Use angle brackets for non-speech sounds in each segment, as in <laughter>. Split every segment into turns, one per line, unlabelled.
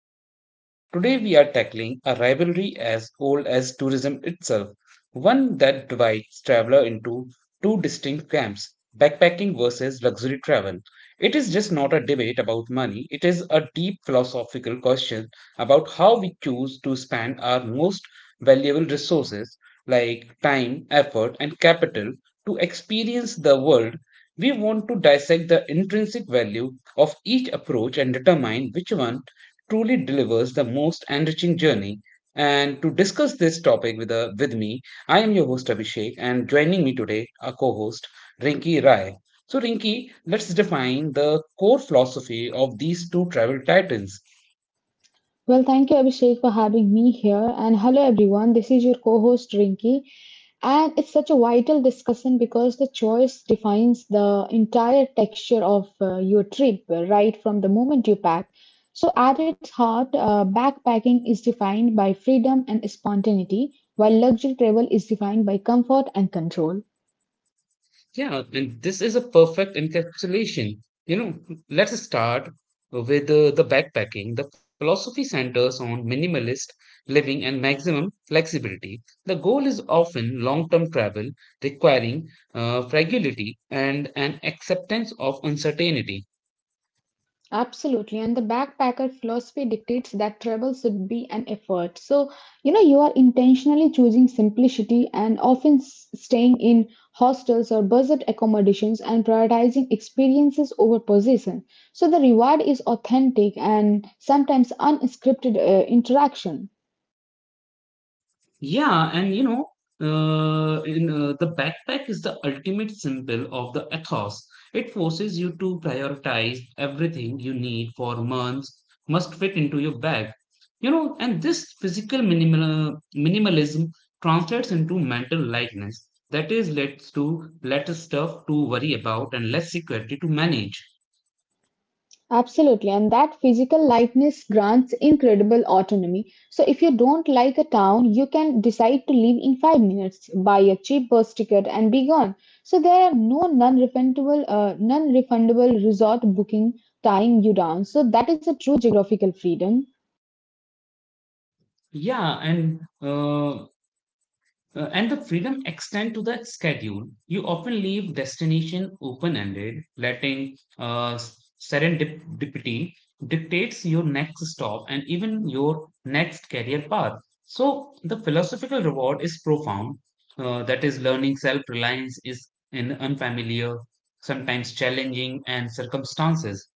to the show. Today, we are tackling a rivalry as old as tourism itself, one that divides traveler into two distinct camps backpacking versus luxury travel. It is just not a debate about money, it is a deep philosophical question about how we choose to spend our most valuable resources like time, effort, and capital to experience the world we want to dissect the intrinsic value of each approach and determine which one truly delivers the most enriching journey. And to discuss this topic with me, I am your host Abhishek, and joining me today, our co host Rinki Rai. So, Rinki, let's define the core philosophy of these two travel titans.
Well, thank you, Abhishek, for having me here. And hello, everyone. This is your co host, Rinki. And it's such a vital discussion because the choice defines the entire texture of your trip right from the moment you pack. So, at its heart, backpacking is defined by freedom and spontaneity, while luxury travel is defined by comfort and control.
Yeah, and this is a perfect encapsulation. You know, let's start with the backpacking. The philosophy centers on minimalist living and maximum flexibility. The goal is often long term travel requiring fragility and an acceptance of uncertainty.
Absolutely, and the backpacker philosophy dictates that travel should be an effort. So, you know, you are intentionally choosing simplicity and often staying in hostels or budget accommodations and prioritizing experiences over possession. So, the reward is authentic and sometimes unscripted interaction.
Yeah, and you know, in the backpack is the ultimate symbol of the ethos. It forces you to prioritize everything you need for months must fit into your bag. You know, and this physical minimalism translates into mental lightness. That is, leads to less stuff to worry about and less security to manage.
Absolutely, and that physical lightness grants incredible autonomy. So, if you don't like a town, you can decide to leave in 5 minutes, buy a cheap bus ticket, and be gone. So, there are no non-refundable resort booking tying you down. So, that is a true geographical freedom.
Yeah, and uh, and the freedom extend to the schedule. You often leave destination open-ended, letting serendipity dictates your next stop and even your next career path. So the philosophical reward is profound. That is, learning self-reliance is in unfamiliar, sometimes challenging, and circumstances.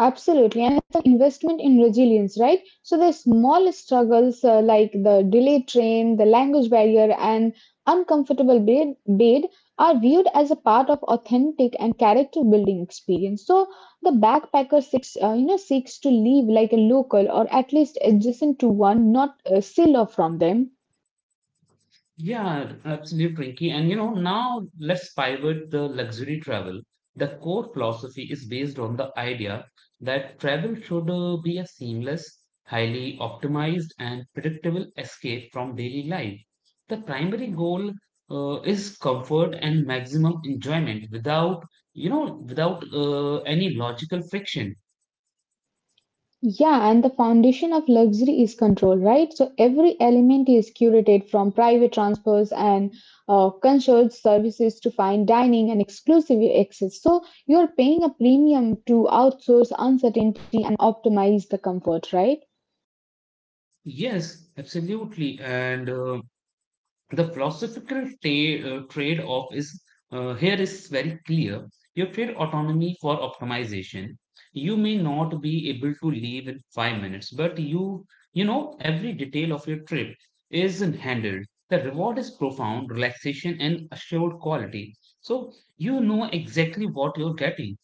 Absolutely, and it's an investment in resilience, right? So the small struggles like the delayed train, the language barrier, and uncomfortable bed are viewed as a part of authentic and character building experience. So the backpacker seeks to live like a local or at least adjacent to one, not still or from them.
Yeah, absolutely, Rinky. And you know, now let's pivot the luxury travel. The core philosophy is based on the idea that travel should be a seamless, highly optimized, and predictable escape from daily life. The primary goal is comfort and maximum enjoyment without, you know, without any logical friction.
Yeah, and the foundation of luxury is control, right? So every element is curated from private transfers and concierge services to fine dining and exclusive access. So you're paying a premium to outsource uncertainty and optimize the comfort, right?
Yes, absolutely. And the philosophical trade off is here is very clear. You trade autonomy for optimization. You may not be able to leave in 5 minutes, but you know every detail of your trip is handled. The reward is profound relaxation and assured quality. So you know exactly what you're getting.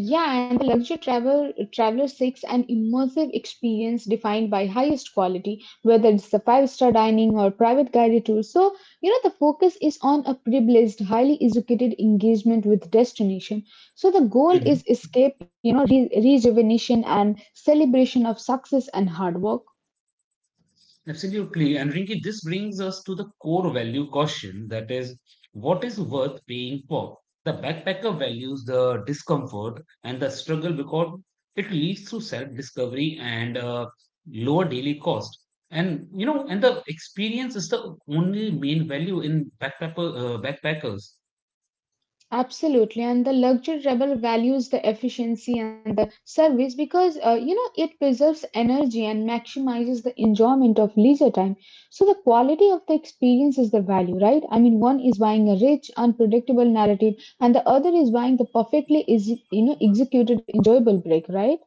Yeah, and the luxury traveler seeks an immersive experience defined by highest quality, whether it's the five-star dining or private guided tour. So, you know, the focus is on a privileged, highly educated engagement with destination. So the goal is
Mm-hmm.
escape, you know, re rejuvenation and celebration of success and hard work.
Absolutely. And Rinki, this brings us to the core value caution. That is, what is worth paying for? The backpacker values the discomfort and the struggle because it leads to self discovery and lower daily cost. And you know, and the experience is the only main value in backpackers.
Absolutely, and the luxury travel values the efficiency and the service because you know it preserves energy and maximizes the enjoyment of leisure time. So the quality of the experience is the value, right? I mean, one is buying a rich, unpredictable narrative, and the other is buying the perfectly is you know executed, enjoyable break, right?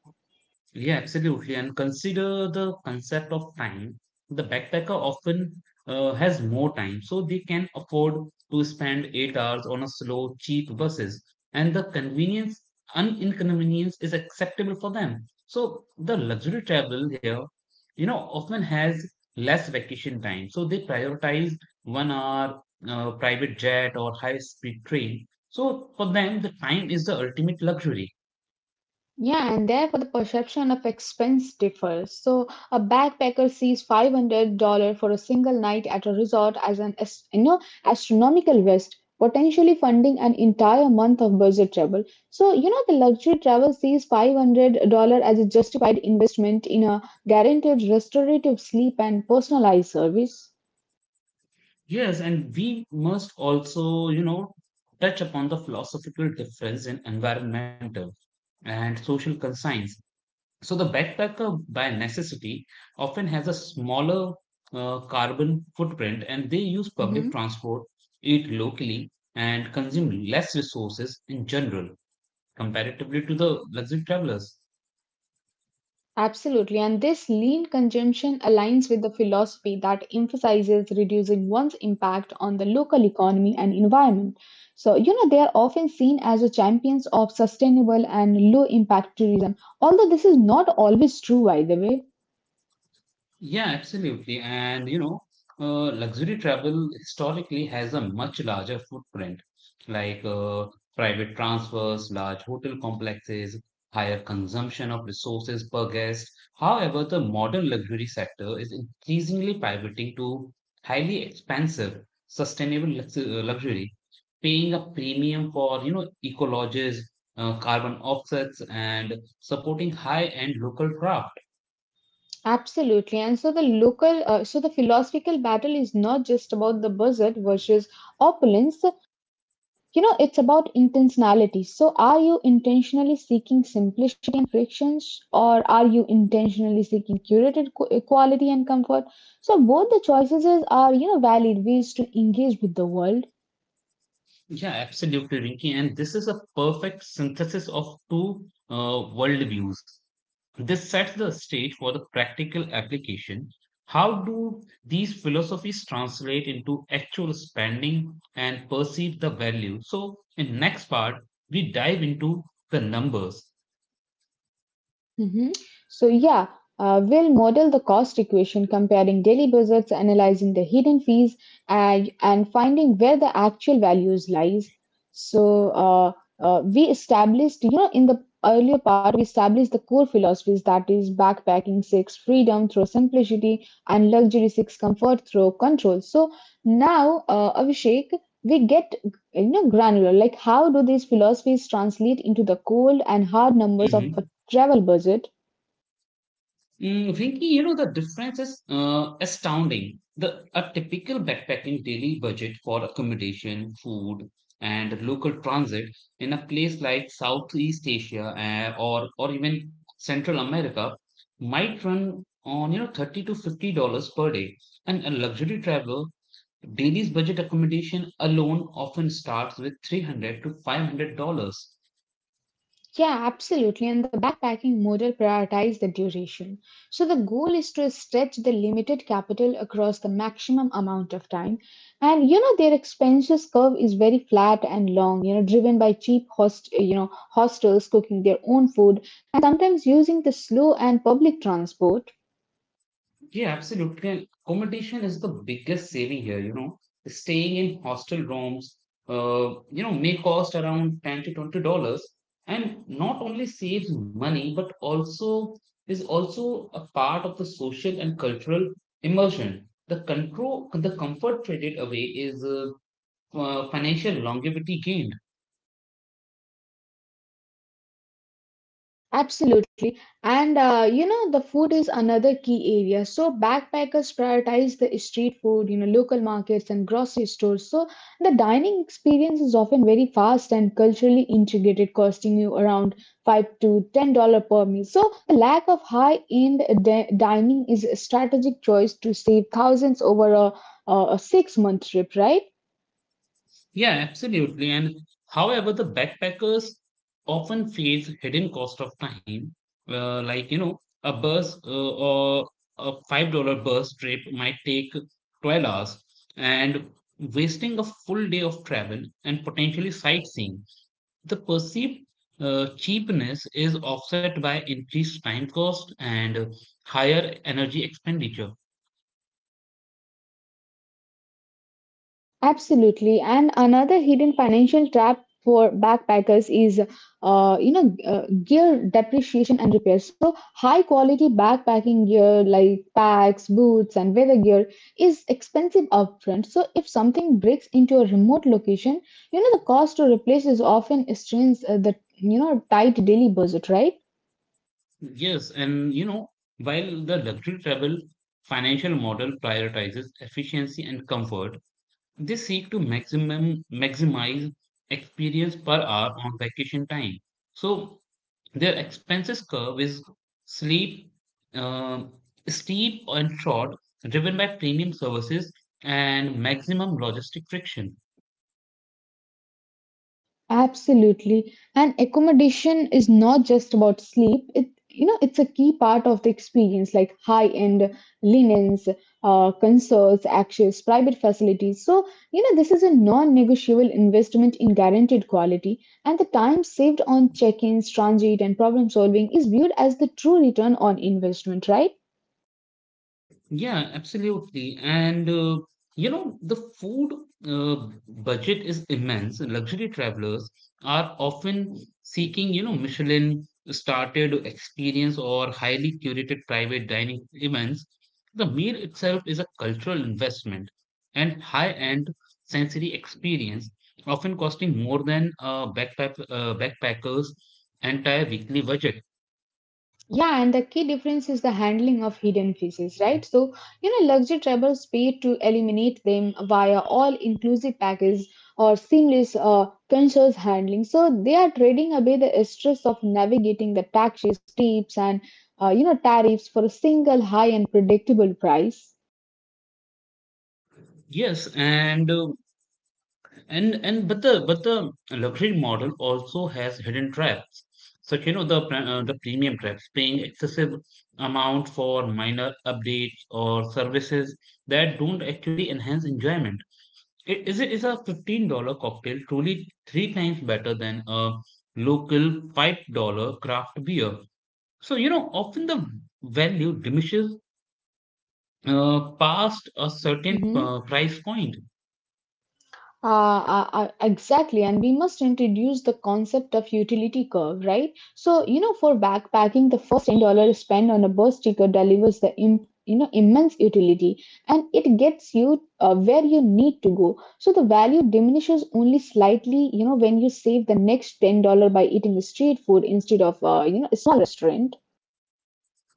Yeah, absolutely. And consider the concept of time. The backpacker often has more time, so they can afford to spend 8 hours on a slow, cheap buses, and the convenience and inconvenience is acceptable for them. So the luxury travel here, you know, often has less vacation time, so they prioritize 1 hour private jet or high speed train. So for them, the time is the ultimate luxury.
Yeah, and therefore the perception of expense differs. So a backpacker sees $500 for a single night at a resort as an as, you know astronomical waste, potentially funding an entire month of budget travel. So you know the luxury traveler sees $500 as a justified investment in a guaranteed restorative sleep and personalized service.
Yes, and we must also, you know, touch upon the philosophical difference in environmental and social conscience. So, the backpacker by necessity often has a smaller carbon footprint and they use public transport, eat locally, and consume less resources in general comparatively to the luxury travelers.
Absolutely, and this lean consumption aligns with the philosophy that emphasizes reducing one's impact on the local economy and environment. So, you know, they are often seen as the champions of sustainable and low impact tourism, although this is not always true, by the way.
Yeah, absolutely. And you know, luxury travel historically has a much larger footprint, like private transfers, large hotel complexes, higher consumption of resources per guest. However, the modern luxury sector is increasingly pivoting to highly expensive, sustainable luxury, paying a premium for, you know, ecologists, carbon offsets, and supporting high-end local craft.
Absolutely. And so the philosophical battle is not just about the budget versus opulence. You know, it's about intentionality. So are you intentionally seeking simplicity and frictions, or are you intentionally seeking curated quality and comfort? So both the choices are, you know, valid ways to engage with the world.
Yeah, absolutely, Rinki. And this is a perfect synthesis of two worldviews. This sets the stage for the practical application. How do these philosophies translate into actual spending and perceive the value? So, in next part, we dive into the numbers.
Mhm. So, yeah, we'll model the cost equation comparing daily budgets, analyzing the hidden fees, and finding where the actual values lies. So, uh, we established, you know, in the earlier part, we established the core philosophies that is, backpacking seeks freedom through simplicity, and luxury seeks comfort through control. So, now, Abhishek, we get granular like how do these philosophies translate into the cold and hard numbers of
Mm-hmm.
travel budget?
Mm, Rinki, you know, the difference is astounding. The a typical backpacking daily budget for accommodation, food, and local transit in a place like Southeast Asia or even Central America might run on you know $30 to $50 per day. And a luxury traveler daily's budget accommodation alone often starts with three hundred to five hundred dollars.
Yeah, absolutely. And the backpacking model prioritizes the duration. So the goal is to stretch the limited capital across the maximum amount of time. And you know their expenses curve is very flat and long, you know, driven by cheap hostels cooking their own food and sometimes using the slow and public transport.
Yeah, absolutely. And accommodation is the biggest saving here, you know. Staying in hostel rooms, you know, may cost around 10 to $20 and not only saves money, but also is also a part of the social and cultural immersion. The control, the comfort traded away is financial longevity gain.
Absolutely. And you know, the food is another key area. So backpackers prioritize the street food, you know, local markets and grocery stores. So the dining experience is often very fast and culturally integrated, costing you around $5 to $10 per meal. So the lack of high-end dining is a strategic choice to save thousands over a six-month trip, right?
Yeah, absolutely. And however, the backpackers often face hidden cost of time, like you know, a $5 bus trip might take 12 hours, and wasting a full day of travel and potentially sightseeing. The perceived cheapness is offset by increased time cost and higher energy expenditure.
Absolutely. And another hidden financial trap for backpackers is, gear depreciation and repair. So, high quality backpacking gear like packs, boots, and weather gear is expensive upfront. So, if something breaks into a remote location, you know, the cost to replace is often strains the, tight daily budget, right?
Yes, and you know, while the luxury travel financial model prioritizes efficiency and comfort, they seek to maximum maximize experience per hour on vacation time. So their expenses curve is sleep, uh, steep and short, driven by premium services and maximum logistic friction.
Absolutely. And accommodation is not just about sleep. It you know it's a key part of the experience, like high end linens, concerts, access, private facilities. So you know this is a non-negotiable investment in guaranteed quality, and the time saved on check-ins, transit, and problem solving is viewed as the true return on investment, right?
Yeah, absolutely. And you know, the food uh, budget is immense. Luxury travelers are often seeking, you know, Michelin started experience or highly curated private dining events. The meal itself is a cultural investment and high-end sensory experience, often costing more than a backpacker's entire weekly budget.
Yeah, and the key difference is the handling of hidden fees, right? So, you know, luxury travelers pay to eliminate them via all inclusive package or seamless conscious handling. So, they are trading away the stress of navigating the taxes, tips, and tariffs for a single high and predictable price.
Yes, and but the luxury model also has hidden traps, such you know the premium traps, paying excessive amount for minor updates or services that don't actually enhance enjoyment. Is a $15 cocktail truly three times better than a local $5 craft beer? So you know often the value diminishes past a certain
Mhm.
price point.
Exactly, and we must introduce the concept of utility curve, right? So, you know, for backpacking, the first $10 spent on a bus ticket delivers the imp, you know immense utility, and it gets you where you need to go. So the value diminishes only slightly, you know, when you save the next $10 by eating street food instead of a small restaurant.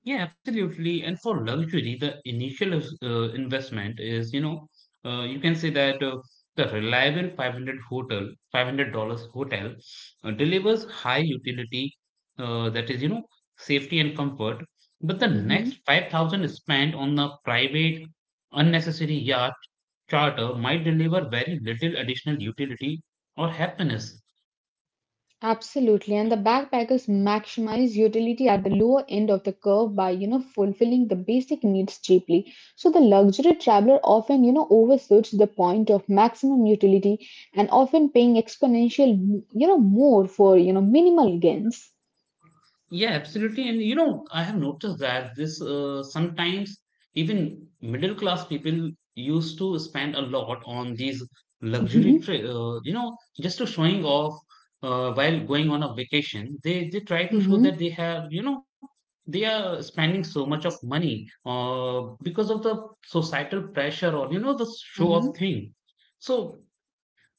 Yeah, absolutely. And for luxury, the initial investment is, you know, you can say that the reliable 500 hotel, $500 hotel delivers high utility, that is, you know, safety and comfort. But the next
Mm-hmm.
5,000 spent on the private, unnecessary yacht charter might deliver very little additional utility or happiness.
Absolutely, and the backpackers maximize utility at the lower end of the curve by, you know, fulfilling the basic needs cheaply. So the luxury traveler often, you know, overshoots the point of maximum utility and often paying exponential, you know, more for, you know, minimal gains.
Yeah, absolutely. And you know, I have noticed that this sometimes even middle class people used to spend a lot on these luxury
Hmm.
tri you know, just to showing off while going on a vacation. They try to show that
Hmm.
they have, you know, they are spending so much of money because of the societal pressure or you know the show off
Hmm.
thing. So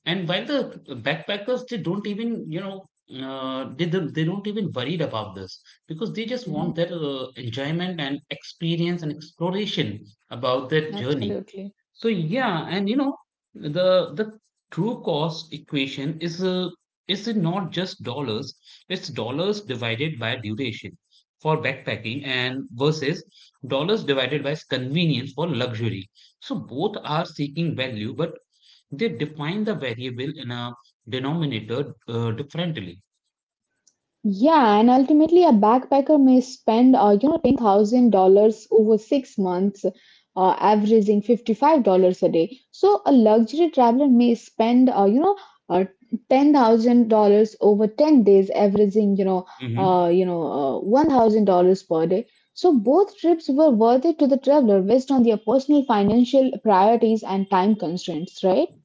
and while the backpackers, they don't even, you know, they don't even worried about this because they just want
Hmm.
their enjoyment and experience and exploration about their journey.
Absolutely.
So yeah, and you know, the true cost equation is not just dollars; it's dollars divided by duration for backpacking and versus dollars divided by convenience for luxury. So both are seeking value, but they define the variable in a denominator differently.
Yeah, and ultimately, a backpacker may spend, $10,000 over 6 months, averaging $55 a day. So a luxury traveler may spend, uh, $10,000 over 10 days, averaging,
Hmm.
$1,000 per day. So both trips were worth it to the traveler based on their personal financial priorities and time constraints, right?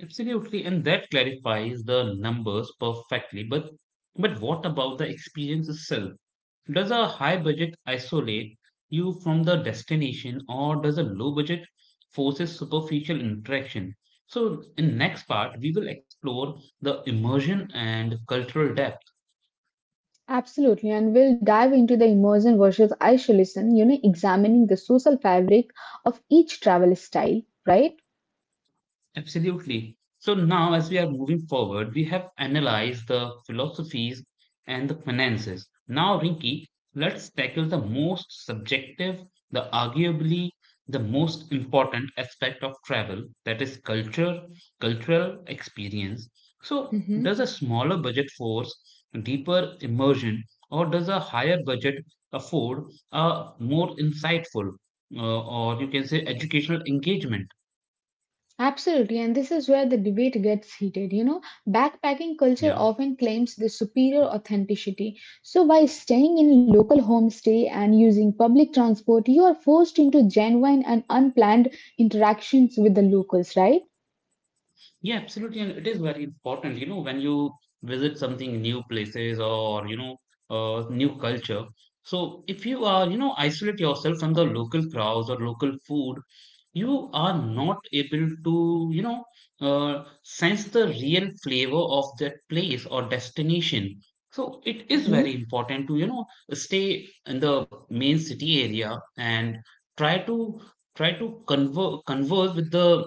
Absolutely, and that clarifies the numbers perfectly. But what about the experience itself? Does a high budget isolate you from the destination, or does a low budget forces superficial interaction? So in next part, we will explore the immersion and cultural depth.
Absolutely, and we'll dive into the immersion versus isolation, you know, examining the social fabric of each travel style, right?
Absolutely. So now, as we are moving forward, we have analyzed the philosophies and the finances. Now, Rinki, let's tackle the most subjective, the arguably the most important aspect of travel, that is culture, cultural experience. So,
Hmm.
does a smaller budget force deeper immersion, or does a higher budget afford a more insightful, or you can say educational engagement?
Absolutely, and this is where the debate gets heated. You know, backpacking culture
Yeah.
often claims the superior authenticity. So, by staying in local homestay and using public transport, you are forced into genuine and unplanned interactions with the locals, right?
Yeah, absolutely. And it is very important, you know, when you visit something new places or, you know, new culture. So if you are, you know, isolate yourself from the local crowds or local food, you are not able to, you know, sense the real flavor of that place or destination. So it is
Hmm.
very important to, you know, stay in the main city area and try to try to converse with the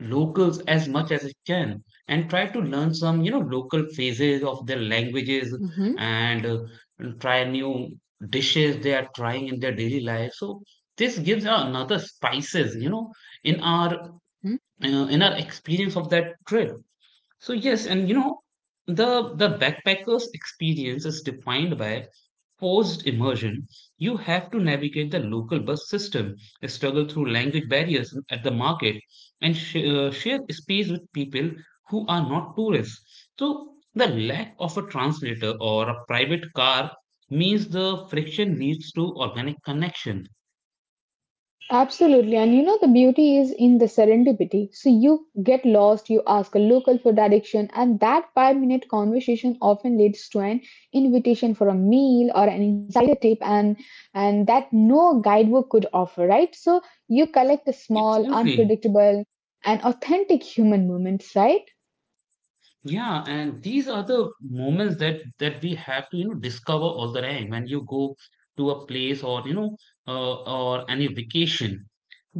locals as much as it can and try to learn some you know local phases of their languages
Hmm.
and uh, and try new dishes they are trying in their daily life so this gives another spices you know in our experience of that trip so yes, and you know, the backpacker's experience is defined by forced immersion. You have to navigate the local bus system, struggle through language barriers at the market, and share space with people who are not tourists. So the lack of a translator or a private car means the friction leads to organic connection.
Absolutely. And you know, the beauty is in the serendipity. So you get lost, you ask a local for direction, and that 5 minute conversation often leads to an invitation for a meal or an insider tip and that no guidebook could offer, right? So you collect the small,
Absolutely.
unpredictable and authentic human moments, right?
Yeah, and these are the moments that we have to discover all the time when you go to a place, or or any vacation,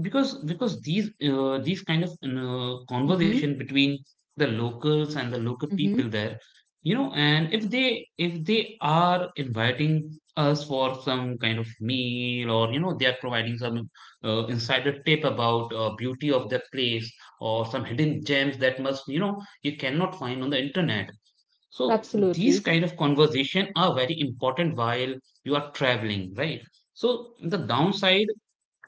because these kind of
Mm-hmm.
conversation between the locals and the local
Mm-hmm.
people there, and if they are inviting us for some kind of meal, or you know, they are providing some insider tip about beauty of the place, or some hidden gems that must, you know, you cannot find on the internet. So these
Absolutely.
kind of conversation are very important while you are traveling, right? So the downside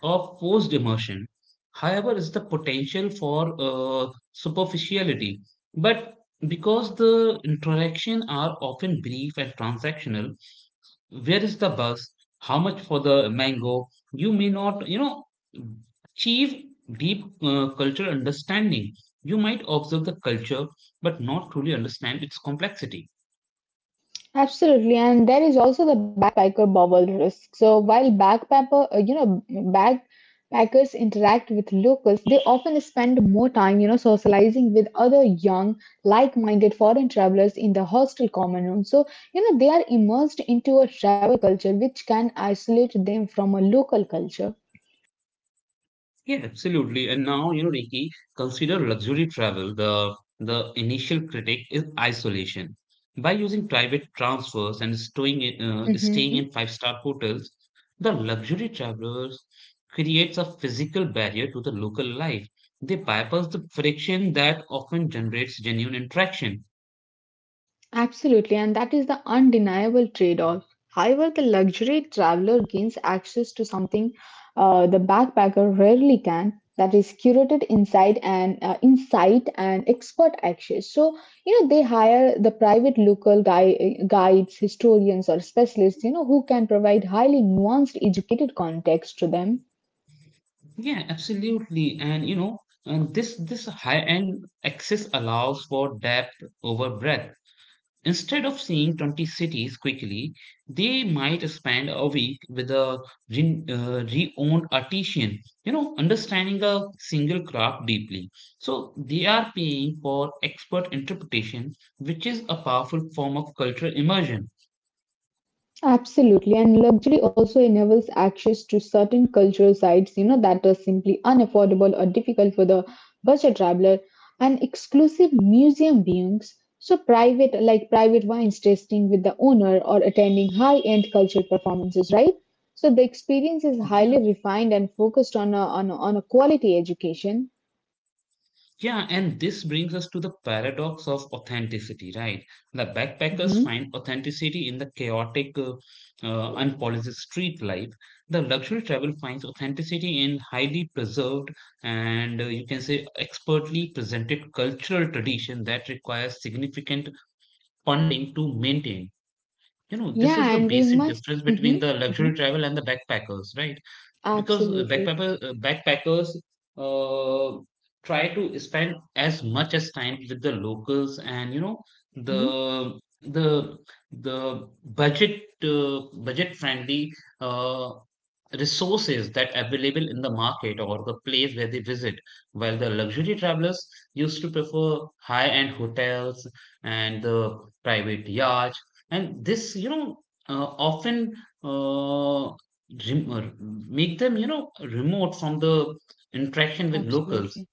of forced immersion, however, is the potential for superficiality. But because the interaction are often brief and transactional, where is the bus, how much for the mango, you may not, you know, achieve deep cultural understanding. You might observe the culture but not truly understand its complexity.
Absolutely, and there is also the backpacker bubble risk. So while backpackers interact with locals, they often spend more time, you know, socializing with other young, like-minded foreign travelers in the hostel common room. So you know, they are immersed into a travel culture, which can isolate them from a local culture.
Yeah, absolutely. And now, you know, Ricky, consider luxury travel. The initial critic is isolation. By using private transfers and stowing,
Mm-hmm.
staying in five-star hotels, the luxury travelers creates a physical barrier to the local life. They bypass the friction that often generates genuine interaction.
Absolutely, and that is the undeniable trade off. However, the luxury traveler gains access to something the backpacker rarely can that is curated inside and insight and expert access so you know they hire the private local guides historians or specialists you know who can provide highly nuanced educated context to them.
Yeah, absolutely. And you know, and this high-end access allows for depth over breadth. Instead of seeing 20 cities quickly, they might spend a week with a re-owned artisan, you know, understanding a single craft deeply. So they are paying for expert interpretation, which is a powerful form of cultural immersion.
Absolutely, and luxury also enables access to certain cultural sites, you know, that are simply unaffordable or difficult for the budget traveler, and exclusive museum viewings. So private, like private wines tasting with the owner or attending high-end cultural performances, right? So the experience is
Yeah.
highly refined and focused on a quality education.
Yeah, and this brings us to the paradox of authenticity, right? The backpackers
Mhm.
find authenticity in the chaotic, unpolished street life. The luxury travel finds authenticity in highly preserved and, you can say, expertly presented cultural tradition that requires significant funding to maintain. You know, this is
Yeah,
the
and we
basic
must.
difference between
Mhm.
the luxury
Mhm.
travel and the backpackers, right? Because
Absolutely.
backpackers uh, try to spend as much as time with the locals, and you know,
Mhm.
the the the budget friendly uh, resources that available in the market or the place where they visit, while the luxury travelers used to prefer high end hotels and the private yachts. And this, often uh, rem- uh, make them, you know, remote from the interaction with
Absolutely.
locals.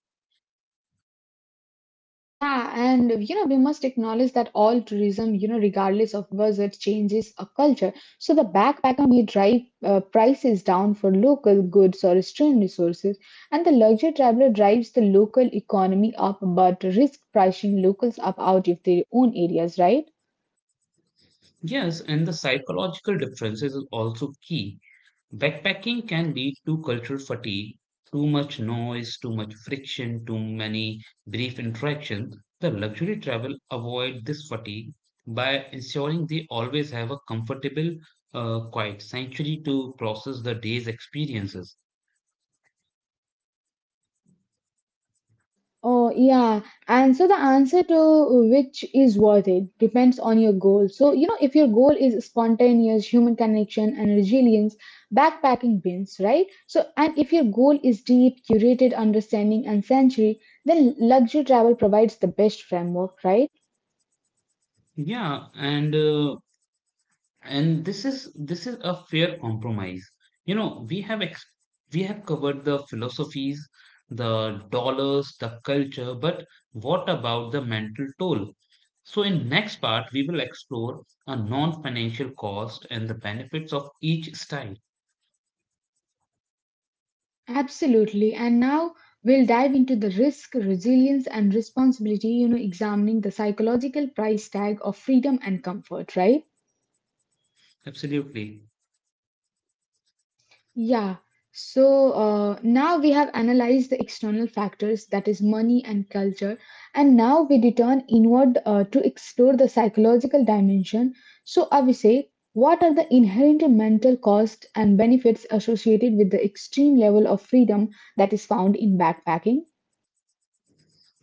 Yeah, and you know, we must acknowledge that all tourism, you know, regardless of budget, changes a culture. So the backpacker may drive prices down for local goods or stream resources, and the luxury traveler drives the local economy up but risk pricing locals up out of their own areas, right?
Yes, and the psychological differences is also key. Backpacking can lead to cultural fatigue, too much noise, too much friction, too many brief interactions. The luxury travel avoid this fatigue by ensuring they always have a comfortable, quiet sanctuary to process the day's experiences.
Oh, yeah. And so the answer to which is worth it depends on your goal. So, you know, if your goal is spontaneous human connection and resilience, backpacking wins, right? So, and if your goal is deep, curated understanding and century, then luxury travel provides the best framework, right?
Yeah, and and this is a fair compromise. You know, we have covered the philosophies, the dollars, the culture, but what about the mental toll? So in next part we will explore a non-financial cost and the benefits of each style.
Absolutely. And now we'll dive into the risk, resilience, and responsibility, examining the psychological price tag of freedom and comfort, right?
Absolutely.
Yeah. So now we have analyzed the external factors, that is money and culture, and now we return inward to explore the psychological dimension. So, Avise, what are the inherent mental costs and benefits associated with the extreme level of freedom that is found in backpacking?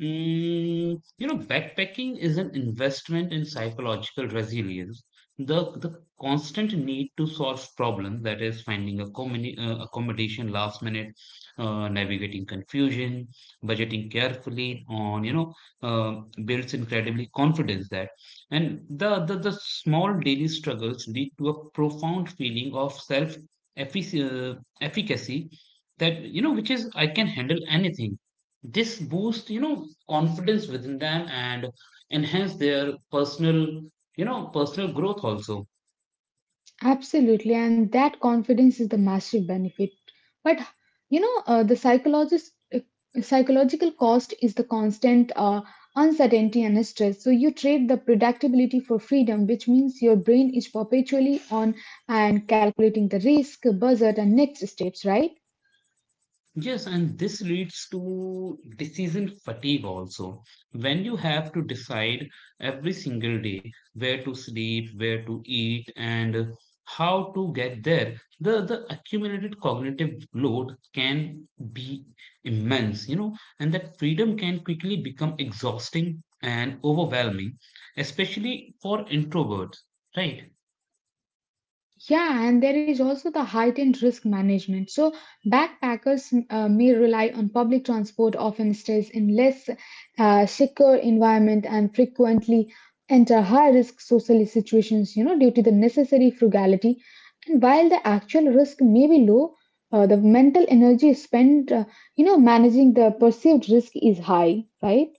You know, backpacking is an investment in psychological resilience. The constant need to solve problems, that is, finding a accommodation last minute, navigating confusion, budgeting carefully, on you know, builds incredibly confidence that, and the small daily struggles lead to a profound feeling of self efficacy that, you know, which is, I can handle anything. This boosts, you know, confidence within them and enhance their personal, personal growth also.
Absolutely, and that confidence is the massive benefit. But you know, the psychologist psychological cost is the constant uncertainty and stress. So you trade the predictability for freedom, which means your brain is perpetually on and calculating the risk, budget, and next steps, right?
Yes, and this leads to decision fatigue also. When you have to decide every single day where to sleep, where to eat, and how to get there, the accumulated cognitive load can be immense, you know, and that freedom can quickly become exhausting and overwhelming, especially for introverts, right?
Yeah, and there is also the heightened risk management. So, backpackers may rely on public transport, often stays in less secure environment, and frequently enter high risk social situations, due to the necessary frugality. And while the actual risk may be low, the mental energy spent managing the perceived risk is high, right?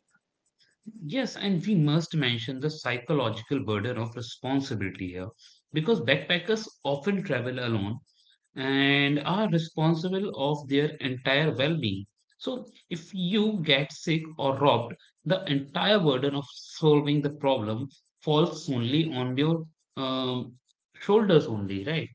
Yes, and we must mention the psychological burden of responsibility here, because backpackers often travel alone and are responsible of their entire well-being. So if you get sick or robbed, the entire burden of solving the problem falls only on your um, shoulders only, right?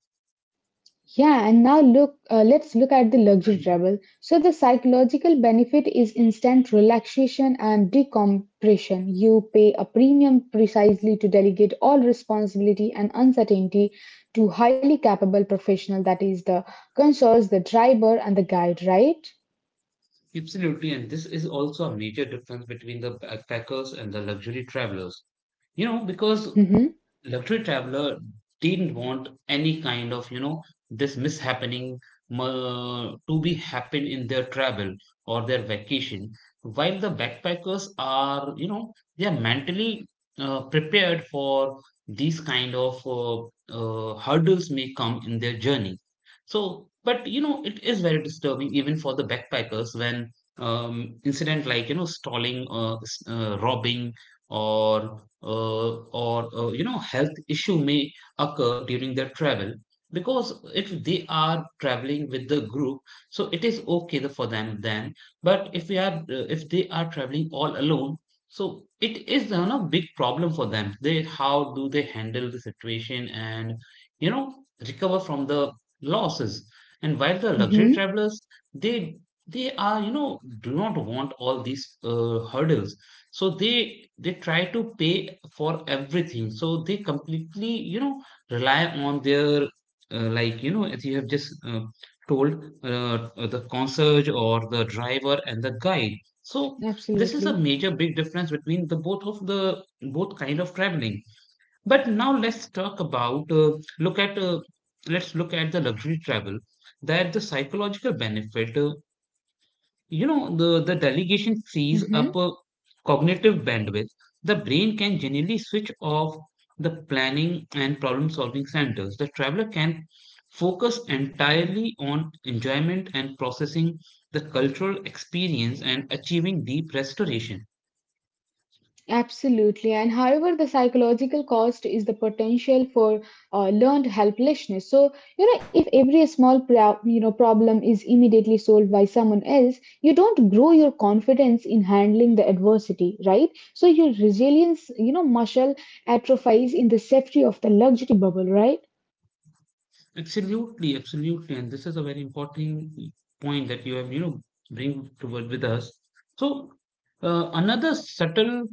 Yeah, and now look, let's look at the luxury travel. So, the psychological benefit is instant relaxation and decompression. You pay a premium precisely to delegate all responsibility and uncertainty to highly capable professional, that is the concierge, the driver, and the guide, right?
Absolutely, and this is also a major difference between the backpackers and the luxury travelers. You know, because
Mm-hmm.
luxury traveler didn't want any kind of, you know, this mishappening to be happen in their travel or their vacation, while the backpackers are, you know, they are mentally prepared for these kind of hurdles may come in their journey. So but you know, it is very disturbing even for the backpackers when incident like, you know, stalling, robbing or uh, or, you know, health issue may occur during their travel. Because if they are traveling with the group, so it is okay for them then. But if they are traveling all alone, so it is, you know, a big problem for them. They, how do they handle the situation and, you know, recover from the losses. And while the luxury
Mm-hmm.
travelers, they they are, you know, do not want all these hurdles. So they try to pay for everything, so they completely, you know, rely on their, like, you know, as you have just told, uh, the concierge or the driver and the guide. So this is a
Absolutely.
major big difference between the both of the both kind of traveling. But now let's talk about look at let's look at the luxury travel, that the psychological benefit, you know, the delegation frees up
Mm-hmm.
a cognitive bandwidth. The brain can generally switch off the planning and problem solving centers. The traveler can focus entirely on enjoyment and processing the cultural experience and achieving deep restoration.
Absolutely. And however, the psychological cost is the potential for learned helplessness. So, if every small problem is immediately solved by someone else, you don't grow your confidence in handling the adversity, right? So your resilience muscle atrophies in the safety of the luxury bubble, right?
Absolutely, and this is a very important point that you have, you know, bring toward with us. So another subtle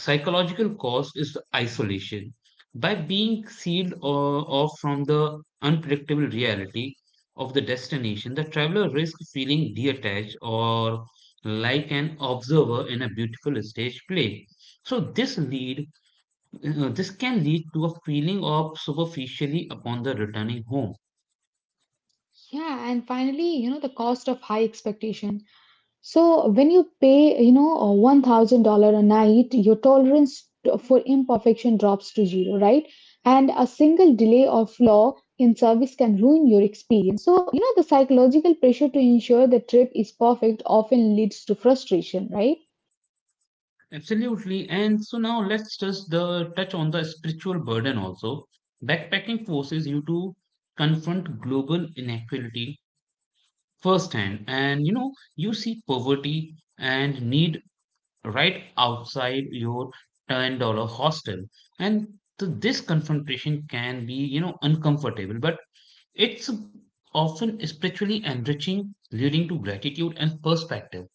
psychological cause is the isolation. By being off from the unpredictable reality of the destination, the traveler risks feeling detached or like an observer in a beautiful stage play. So this can lead to a feeling of superficially upon the returning home.
Yeah, and finally, the cost of high expectation. So when you pay $1,000 a night, your tolerance for imperfection drops to zero, right? And a single delay or flaw in service can ruin your experience. So, the psychological pressure to ensure the trip is perfect often leads to frustration, right?
Absolutely. And so now let's just the touch on the spiritual burden also. Backpacking forces you to confront global inequality firsthand. And you know, you see poverty and need right outside your $10 hostel. And this confrontation can be, you know, uncomfortable, but it's often spiritually enriching, leading to gratitude and perspective.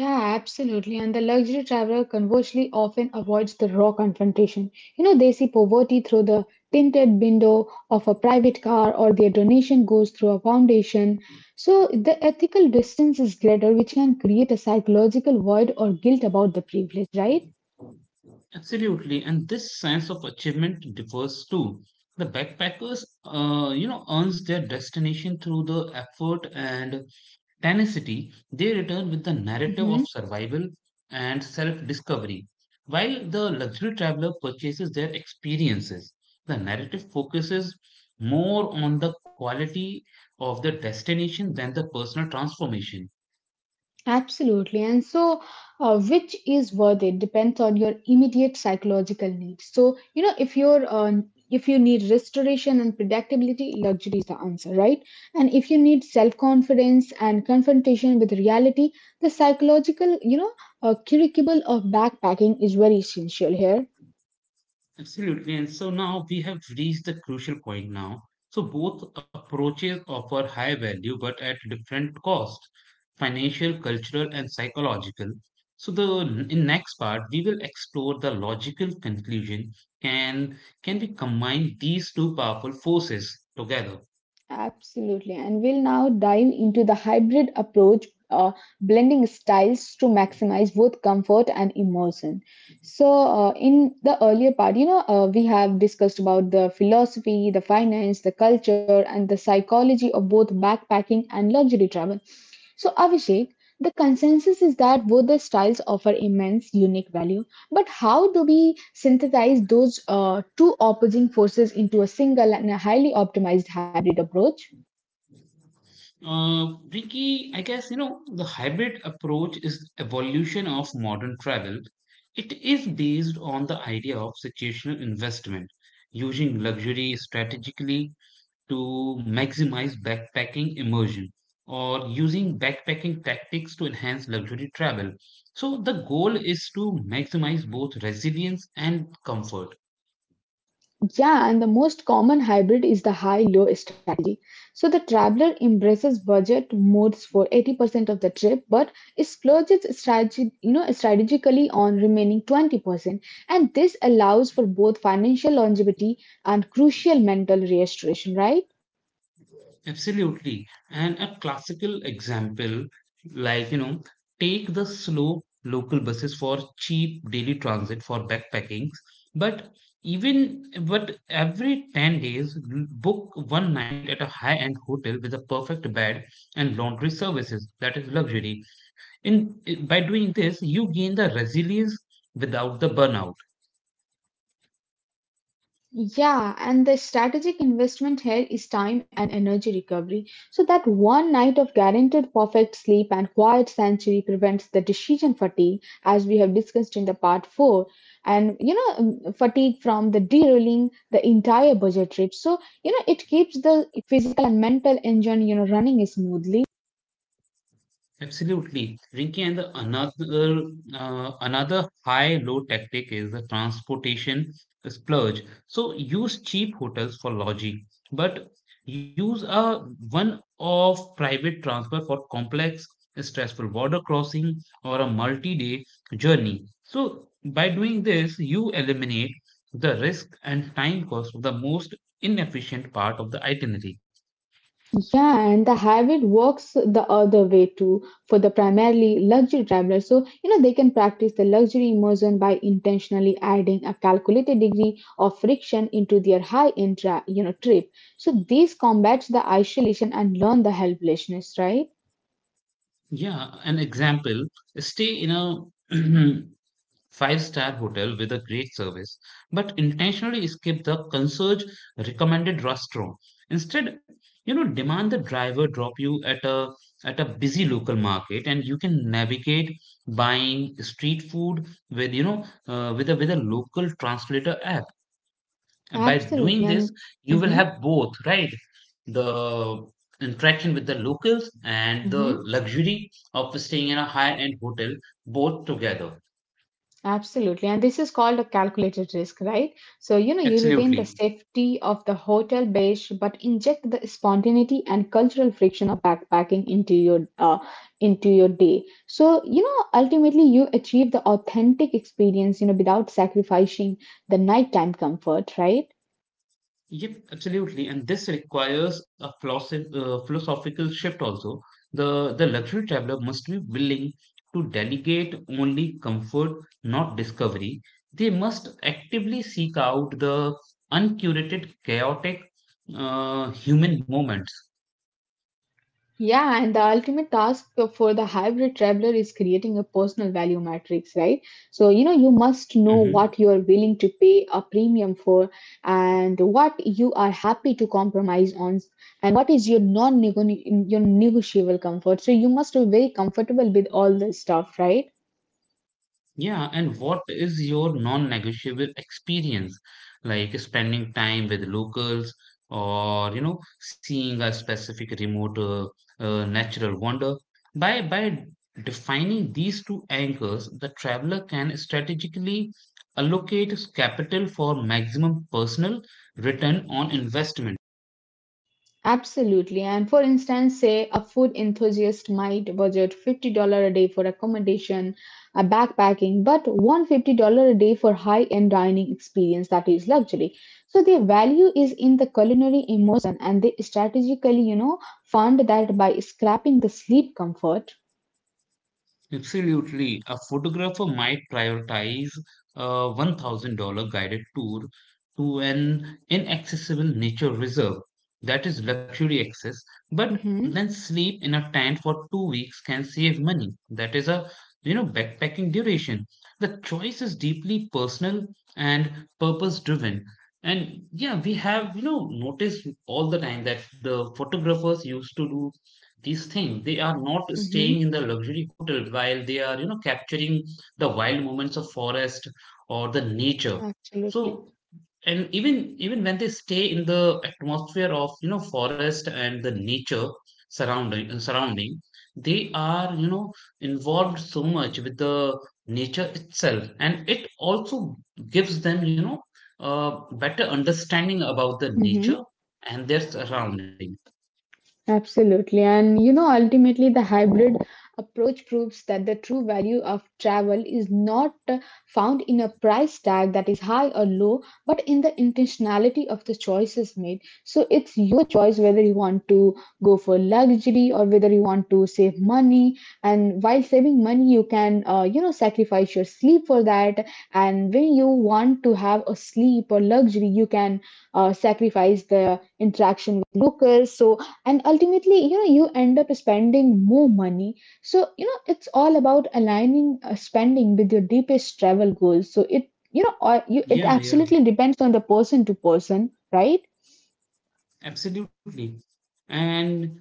Yeah, absolutely. And the luxury traveler conversely often avoids the raw confrontation. They see poverty through the tinted window of a private car or their donation goes through a foundation. So the ethical distance is greater, which can create a psychological void or guilt about the privilege, right?
Absolutely. And this sense of achievement differs too. The backpackers, you know, earns their destination through the effort and tenacity. They return with the narrative
Mhm.
of survival and self discovery. While the luxury traveler purchases their experiences, the narrative focuses more on the quality of the destination than the personal transformation.
Absolutely. And so, which is worth it depends on your immediate psychological needs. So, if you need restoration and predictability, luxury is the answer, right? And if you need self-confidence and confrontation with reality, the psychological curriculum of backpacking is very essential here.
Absolutely. And so now we have reached the crucial point now. So both approaches offer high value but at different cost, financial, cultural, and psychological. So the in next part we will explore the logical conclusion, can can we combine these two powerful forces together?
Absolutely. And we'll now dive into the hybrid approach, blending styles to maximize both comfort and immersion. So, in the earlier part, we have discussed about the philosophy, the finance, the culture, and the psychology of both backpacking and luxury travel. So, Abhishek, the consensus is that both the styles offer immense unique value but how do we synthesize those two opposing forces into a single and a highly optimized hybrid approach?
Ricky, I guess you know the hybrid approach is evolution of modern travel. It is based on the idea of situational investment, using luxury strategically to maximize backpacking immersion, or using backpacking tactics to enhance luxury travel. So the goal is to maximize both resilience and comfort.
Yeah, and the most common hybrid is the high low strategy. So the traveler embraces budget modes for 80% of the trip but splurges strategically on remaining 20%. And this allows for both financial longevity and crucial mental restoration, right?
Absolutely. And a classical example, like, you know, take the slow local buses for cheap daily transit for backpacking. But but every 10 days, book one night at a high-end hotel with a perfect bed and laundry services. That is luxury. In, by doing this, you gain the resilience without the burnout.
Yeah, and the strategic investment here is time and energy recovery. So that one night of guaranteed perfect sleep and quiet sanctuary prevents the decision fatigue, as we have discussed in the part four. And fatigue from the derailing the entire budget trip. So it keeps the physical and mental engine running smoothly.
Absolutely, Rinki. And the another another high low tactic is the transportation splurge. So use cheap hotels for lodging, but use a one-off private transfer for complex, stressful border crossing or a multi-day journey. So by doing this, you eliminate the risk and time cost of the most inefficient part of the itinerary.
Yeah, and the hybrid works the other way too for the primarily luxury travelers. So, they can practice the luxury immersion by intentionally adding a calculated degree of friction into their high-end trip. So this combats the isolation and learn the helplessness, right?
Yeah, an example, stay in a <clears throat> five-star hotel with a great service, but intentionally skip the concierge recommended restaurant. Instead, you know, demand the driver drop you at a busy local market, and you can navigate buying street food with with a local translator app. And by doing
Absolutely.
this,
And
you will
mm-hmm,
have both, right, the interaction with the locals and the
mm-hmm.
luxury of staying in a high end hotel, both together.
Absolutely. And this is called a calculated risk, right? So, you retain the
Absolutely.
safety of the hotel base, but inject the spontaneity and cultural friction of backpacking into your day. So, ultimately you achieve the authentic experience, without sacrificing the nighttime comfort, right?
Yep, absolutely. And this requires a philosophical shift also. The luxury traveler must be willing to delegate only comfort, not discovery. They must actively seek out the uncurated, chaotic human moments.
Yeah, and the ultimate task for the hybrid traveler is creating a personal value matrix, right? So, you must know
Mm-hmm.
what you are willing to pay a premium for and what you are happy to compromise on, what is your non your negotiable comfort. So, you must be very comfortable with all this stuff, right?
Yeah, and what is your non-negotiable experience? Like spending time with locals, or, you know, seeing a specific remote natural wonder. By defining these two anchors, the traveler can strategically allocate capital for maximum personal return on investment.
Absolutely. And for instance, say a food enthusiast might budget $50 a day for accommodation, backpacking, but $150 a day for high-end dining experience that is luxury. So their value is in the culinary emotion and they strategically, fund that by scrapping the sleep comfort.
Absolutely. A photographer might prioritize a $1,000 guided tour to an inaccessible nature reserve. That is luxury access, but then
Mm-hmm.
sleep in a tent for 2 weeks can save money. That is a, you know, backpacking duration. The choice is deeply personal and purpose driven. And yeah, we have, you know, noticed all the time that the photographers used to do these things. They are not staying in
Mm-hmm.
the luxury hotel while they are, you know, capturing the wild moments of forest or the nature. So
Absolutely.
and even when they stay in the atmosphere of, you know, forest and the nature surrounding, they are, you know, involved so much with the nature itself. And it also gives them, you know, uh, better understanding about the nature
Mhm.
and their surrounding.
Absolutely. And ultimately, the hybrid approach proves that the true value of travel is not found in a price tag that is high or low, but in the intentionality of the choices made. So it's your choice whether you want to go for luxury or whether you want to save money. And while saving money, you can sacrifice your sleep for that. And when you want to have a sleep or luxury, you can sacrifice the interaction with locals. So and ultimately you end up spending more money so it's all about aligning spending with your deepest travel goals so it you know or you, it
Yeah.
absolutely depends on the person to person, right?
Absolutely. And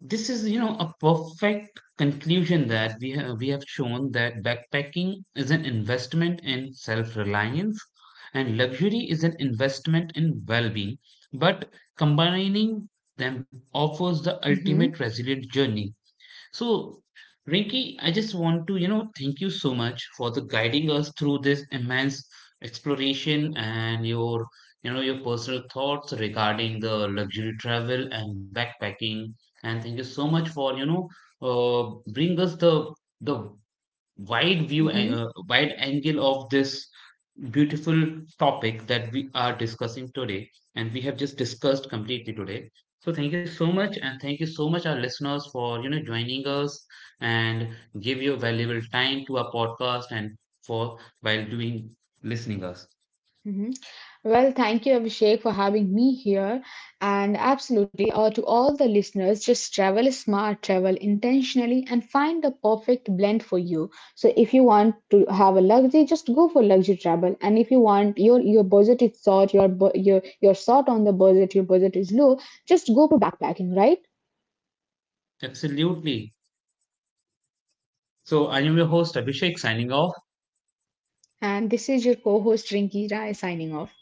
this is, you know, a perfect conclusion that we have shown that backpacking is an investment in self-reliance, and luxury is an investment in well-being. But combining them offers the
Mm-hmm.
ultimate resilient journey. So, Rinki, I just want to, you know, thank you so much for the guiding us through this immense exploration and your, you know, your personal thoughts regarding the luxury travel and backpacking. And thank you so much for, you know, bring us the the wide view,
Mm-hmm.
wide angle of this beautiful topic that we are discussing today and we have just discussed completely today. So thank you so much, and thank you so much our listeners for, you know, joining us and give your valuable time to our podcast and for while doing listening us.
Well, thank you, Abhishek, for having me here. And absolutely, to all the listeners, just travel smart, travel intentionally, and find the perfect blend for you. So, if you want to have a luxury, just go for luxury travel. And if you want your budget is short, your bu- your short on the budget, your budget is low, just go for backpacking, right?
Absolutely. So I am your host, Abhishek, signing off.
And this is your co-host Rinki Rai signing off.